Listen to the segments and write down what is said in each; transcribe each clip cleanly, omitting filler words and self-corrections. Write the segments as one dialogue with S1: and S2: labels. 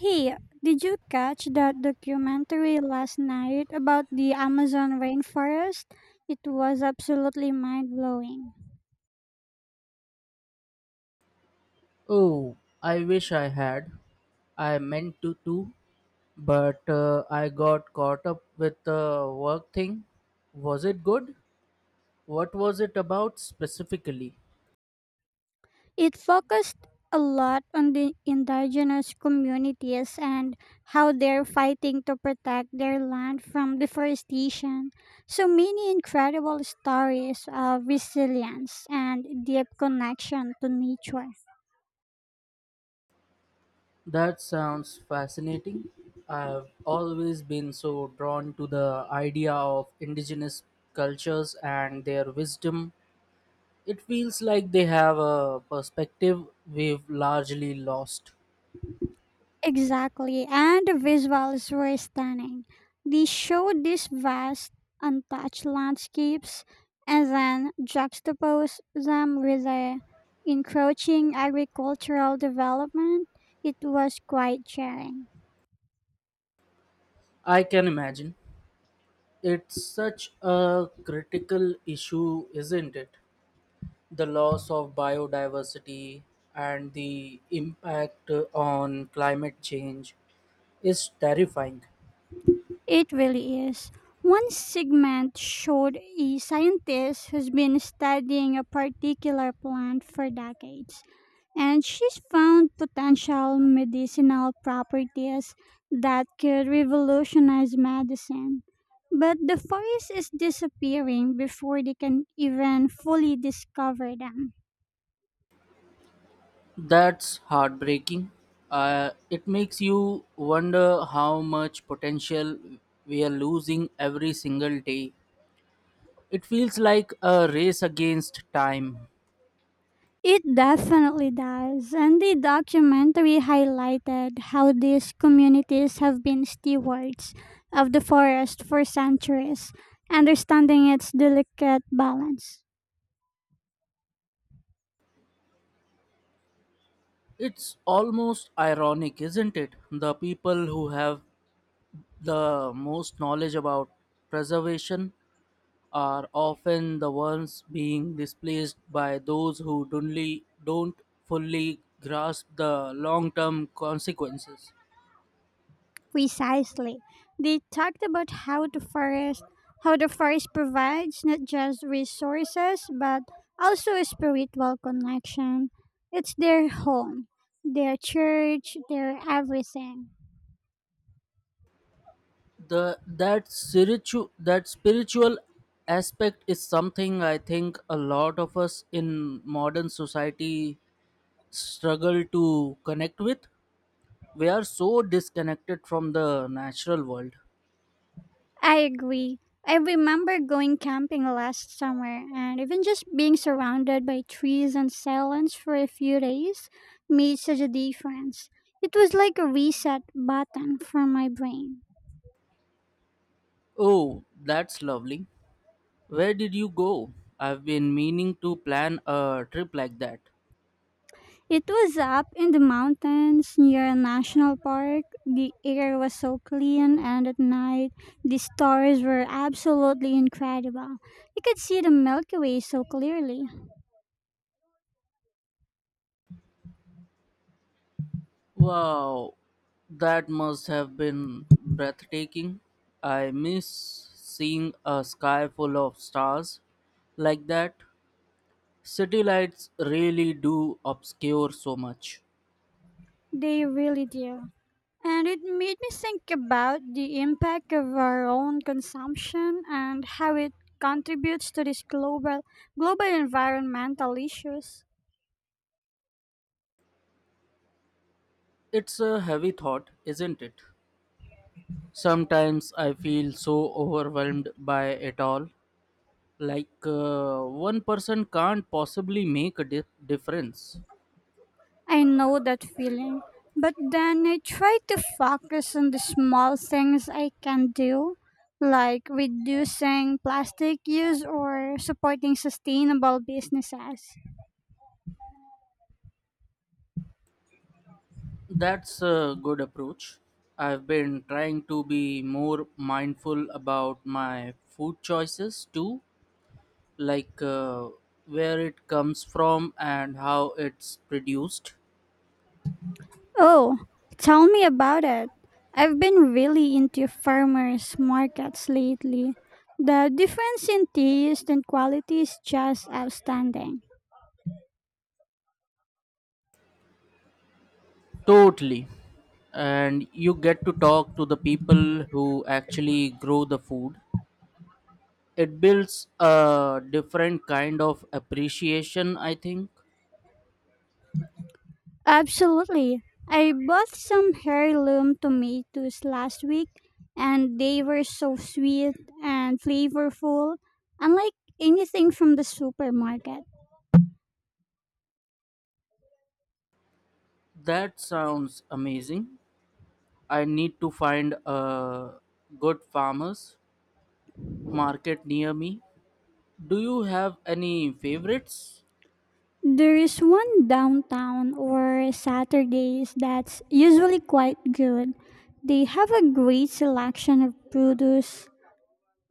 S1: Hey, did you catch that documentary last night about the Amazon rainforest? It was absolutely mind blowing.
S2: Oh, I wish I had. I meant to too, but I got caught up with the work thing. Was it good? What was it about specifically?
S1: It focused a lot on the indigenous communities and how they're fighting to protect their land from deforestation. So many incredible stories of resilience and deep connection to nature.
S2: That sounds fascinating. I've always been so drawn to the idea of indigenous cultures and their wisdom. It feels like they have a perspective we've largely lost.
S1: Exactly, and the visuals were stunning. They showed these vast, untouched landscapes and then juxtaposed them with the encroaching agricultural development. It was quite jarring.
S2: I can imagine. It's such a critical issue, isn't it? The loss of biodiversity and the impact on climate change is terrifying.
S1: It really is. One segment showed a scientist who's been studying a particular plant for decades and she's found potential medicinal properties that could revolutionize medicine. But the forest is disappearing before they can even fully discover them.
S2: That's heartbreaking. It makes you wonder how much potential we are losing every single day. It feels like a race against time.
S1: It definitely does, and the documentary highlighted how these communities have been stewards of the forest for centuries, understanding its delicate balance.
S2: It's almost ironic, isn't it? The people who have The most knowledge about preservation are often the ones being displaced by those who don't fully grasp the long-term consequences.
S1: Precisely. They talked about how the forest provides not just resources but also a spiritual connection. It's their home, their church, their everything.
S2: The that spiritual aspect is something I think a lot of us in modern society struggle to connect with. We are so disconnected from the natural world.
S1: I agree. I remember going camping last summer and even just being surrounded by trees and silence for a few days made such a difference. It was like a reset button for my brain.
S2: Oh, that's lovely. Where did you go? I've been meaning to plan a trip like that.
S1: It was up in the mountains near a national park. The air was so clean, and at night, the stars were absolutely incredible. You could see the Milky Way so clearly.
S2: Wow, that must have been breathtaking. I miss seeing a sky full of stars like that. City lights really do obscure so much.
S1: They really do. And it made me think about the impact of our own consumption and how it contributes to these global environmental issues.
S2: It's a heavy thought, isn't it? Sometimes I feel so overwhelmed by it all. Like, one person can't possibly make a difference.
S1: I know that feeling. But then I try to focus on the small things I can do, like reducing plastic use or supporting sustainable businesses.
S2: That's a good approach. I've been trying to be more mindful about my food choices too, like, where it comes from and how it's produced.
S1: Oh, tell me about it. I've been really into farmers markets lately. The difference in taste and quality is just outstanding.
S2: Totally. And you get to talk to the people who actually grow the food. It builds a different kind of appreciation, I think.
S1: Absolutely. I bought some heirloom tomatoes last week and they were so sweet and flavorful, unlike anything from the supermarket.
S2: That sounds amazing. I need to find a good farmers market near me. Do you have any favorites?
S1: There is one downtown or Saturdays that's usually quite good. They have a great selection of produce,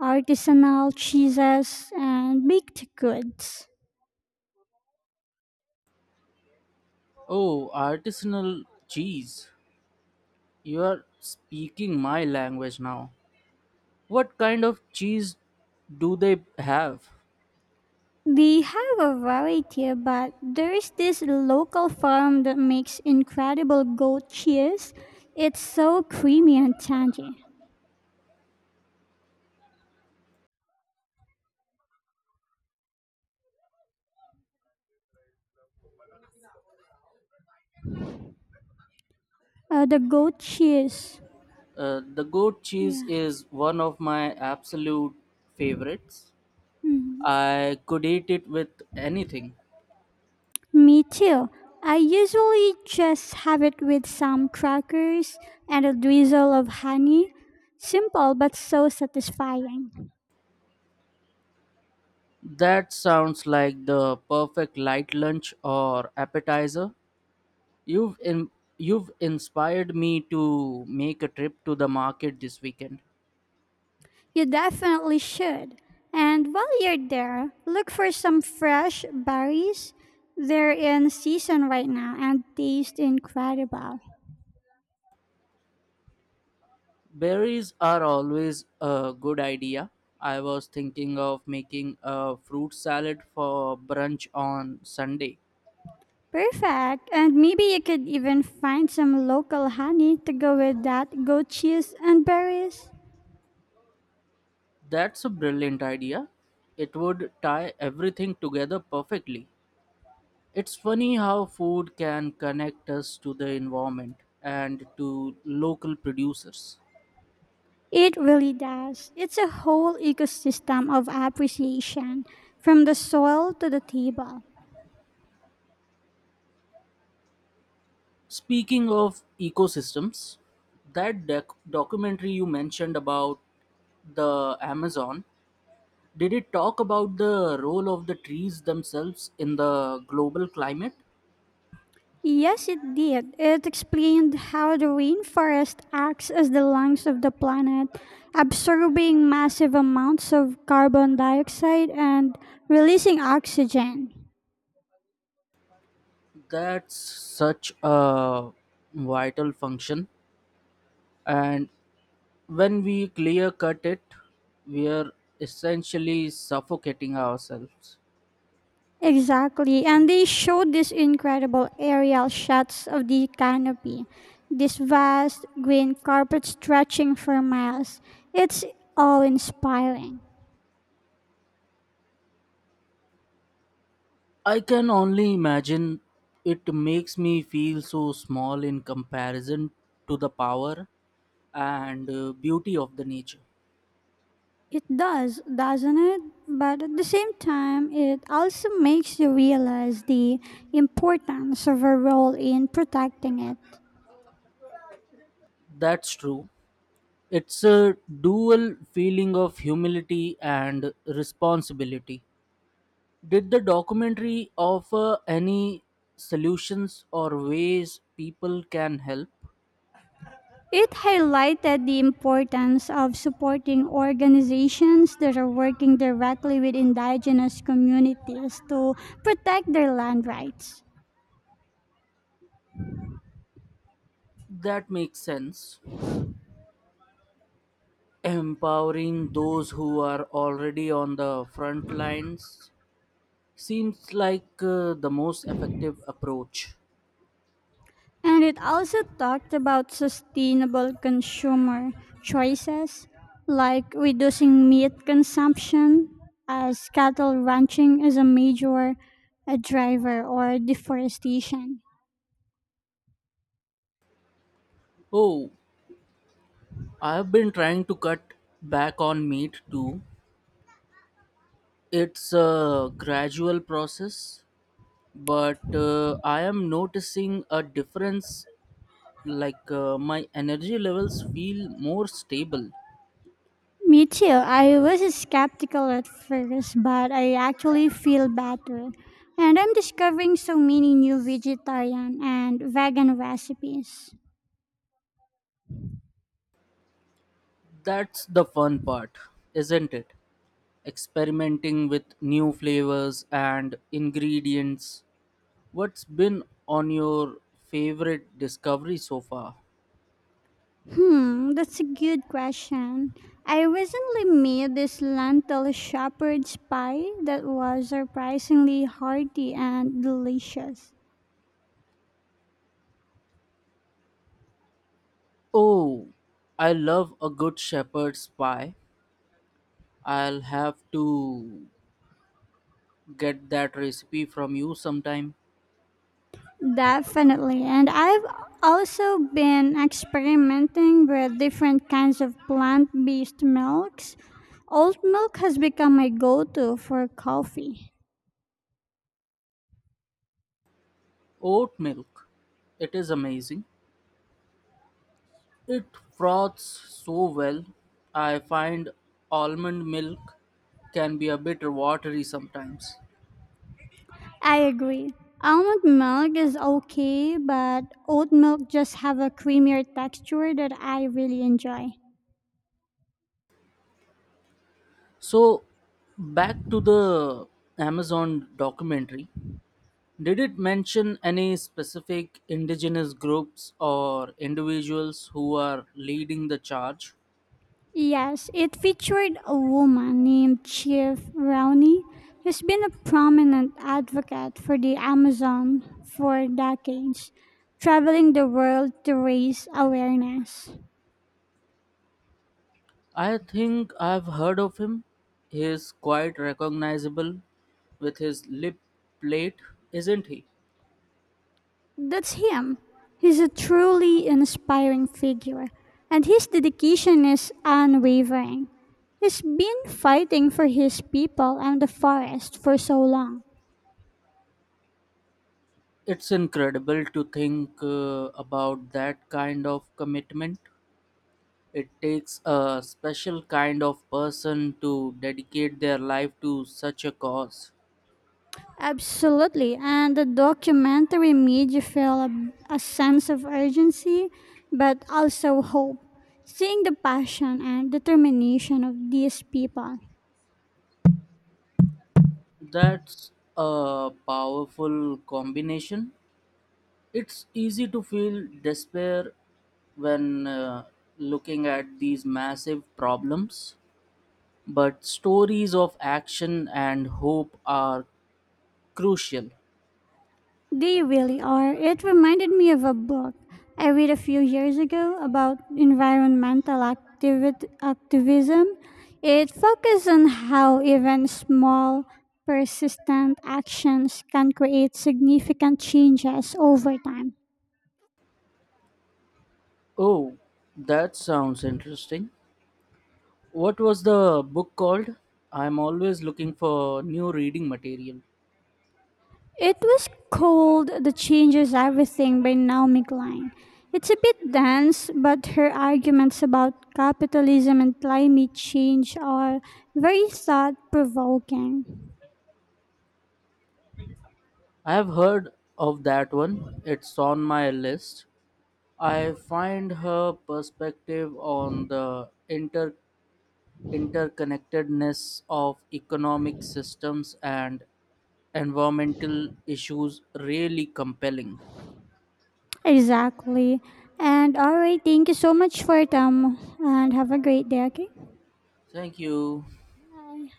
S1: artisanal cheeses, and baked goods.
S2: Oh, artisanal cheese. You are speaking my language now. What kind of cheese do they have?
S1: They have a variety, but there is this local farm that makes incredible goat cheese. It's so creamy and tangy. The goat cheese.
S2: The goat cheese
S1: Yeah.
S2: is one of my absolute favorites.
S1: Mm.
S2: I could eat it with anything.
S1: Me too. I usually just have it with some crackers and a drizzle of honey. Simple but so satisfying.
S2: That sounds like the perfect light lunch or appetizer. You've in, you've inspired me to make a trip to the market this weekend.
S1: You definitely should. And while you're there, look for some fresh berries. They're in season right now and taste incredible.
S2: Berries are always a good idea. I was thinking of making a fruit salad for brunch on Sunday.
S1: Perfect. And maybe you could even find some local honey to go with that goat cheese and berries.
S2: That's a brilliant idea. It would tie everything together perfectly. It's funny how food can connect us to the environment and to local producers.
S1: It really does. It's a whole ecosystem of appreciation from the soil to the table.
S2: Speaking of ecosystems, that documentary you mentioned about the Amazon, did it talk about the role of the trees themselves in the global climate?
S1: Yes, it did. It explained how the rainforest acts as the lungs of the planet, absorbing massive amounts of carbon dioxide and releasing oxygen.
S2: That's such a vital function. And when we clear cut it, we are essentially suffocating ourselves.
S1: Exactly, and they showed these incredible aerial shots of the canopy, this vast green carpet stretching for miles. It's all inspiring.
S2: I can only imagine. It makes me feel so small in comparison to the power and beauty of the nature.
S1: It does, doesn't it? But at the same time, it also makes you realize the importance of our role in protecting it.
S2: That's true. It's a dual feeling of humility and responsibility. Did the documentary offer any solutions or ways people can help?
S1: It highlighted the importance of supporting organizations that are working directly with indigenous communities to protect their land rights.
S2: That makes sense. Empowering those who are already on the front lines seems like the most effective approach.
S1: And it also talked about sustainable consumer choices like reducing meat consumption, as cattle ranching is a major driver, or deforestation.
S2: Oh, I've been trying to cut back on meat too. It's a gradual process, but I am noticing a difference. Like, my energy levels feel more stable.
S1: Me too. I was skeptical at first, but I actually feel better. And I'm discovering so many new vegetarian and vegan recipes.
S2: That's the fun part, isn't it? Experimenting with new flavors and ingredients. What's been on your favorite discovery so far?
S1: Hmm, that's a good question. I recently made this lentil shepherd's pie that was surprisingly hearty and delicious.
S2: Oh, I love a good shepherd's pie. I'll have to get that recipe from you sometime.
S1: Definitely. And I've also been experimenting with different kinds of plant based milks. Oat milk has become my go to for coffee.
S2: Oat milk. It is amazing. It froths so well. I find almond milk can be a bit watery sometimes.
S1: I agree. Almond milk is okay, but oat milk just have a creamier texture that I really enjoy.
S2: So, back to the Amazon documentary. Did it mention any specific indigenous groups or individuals who are leading the charge?
S1: Yes, it featured a woman named Chief Rowney, who's been a prominent advocate for the Amazon for decades, traveling the world to raise awareness.
S2: I think I've heard of him. He's quite recognizable with his lip plate, isn't he?
S1: That's him. He's a truly inspiring figure, and his dedication is unwavering. He's been fighting for his people and the forest for so long.
S2: It's incredible to think about that kind of commitment. It takes a special kind of person to dedicate their life to such a cause.
S1: Absolutely. And the documentary made you feel a sense of urgency, but also hope. Seeing the passion and determination of these people,
S2: That's a powerful combination. It's easy to feel despair when looking at these massive problems, but stories of action and hope are crucial.
S1: they really are. It reminded me of a book I read a few years ago about environmental activism. It focuses on how even small, persistent actions can create significant changes over time.
S2: Oh, that sounds interesting. What was the book called? I'm always looking for new reading material.
S1: It was called The Changes Everything by Naomi Klein. It's a bit dense, but her arguments about capitalism and climate change are very thought provoking.
S2: I have heard of that one. It's on my list. I find her perspective on the interconnectedness of economic systems and environmental issues really compelling.
S1: Exactly. And all right, thank you so much for your time and have a great day, okay?
S2: Thank you.
S1: Bye.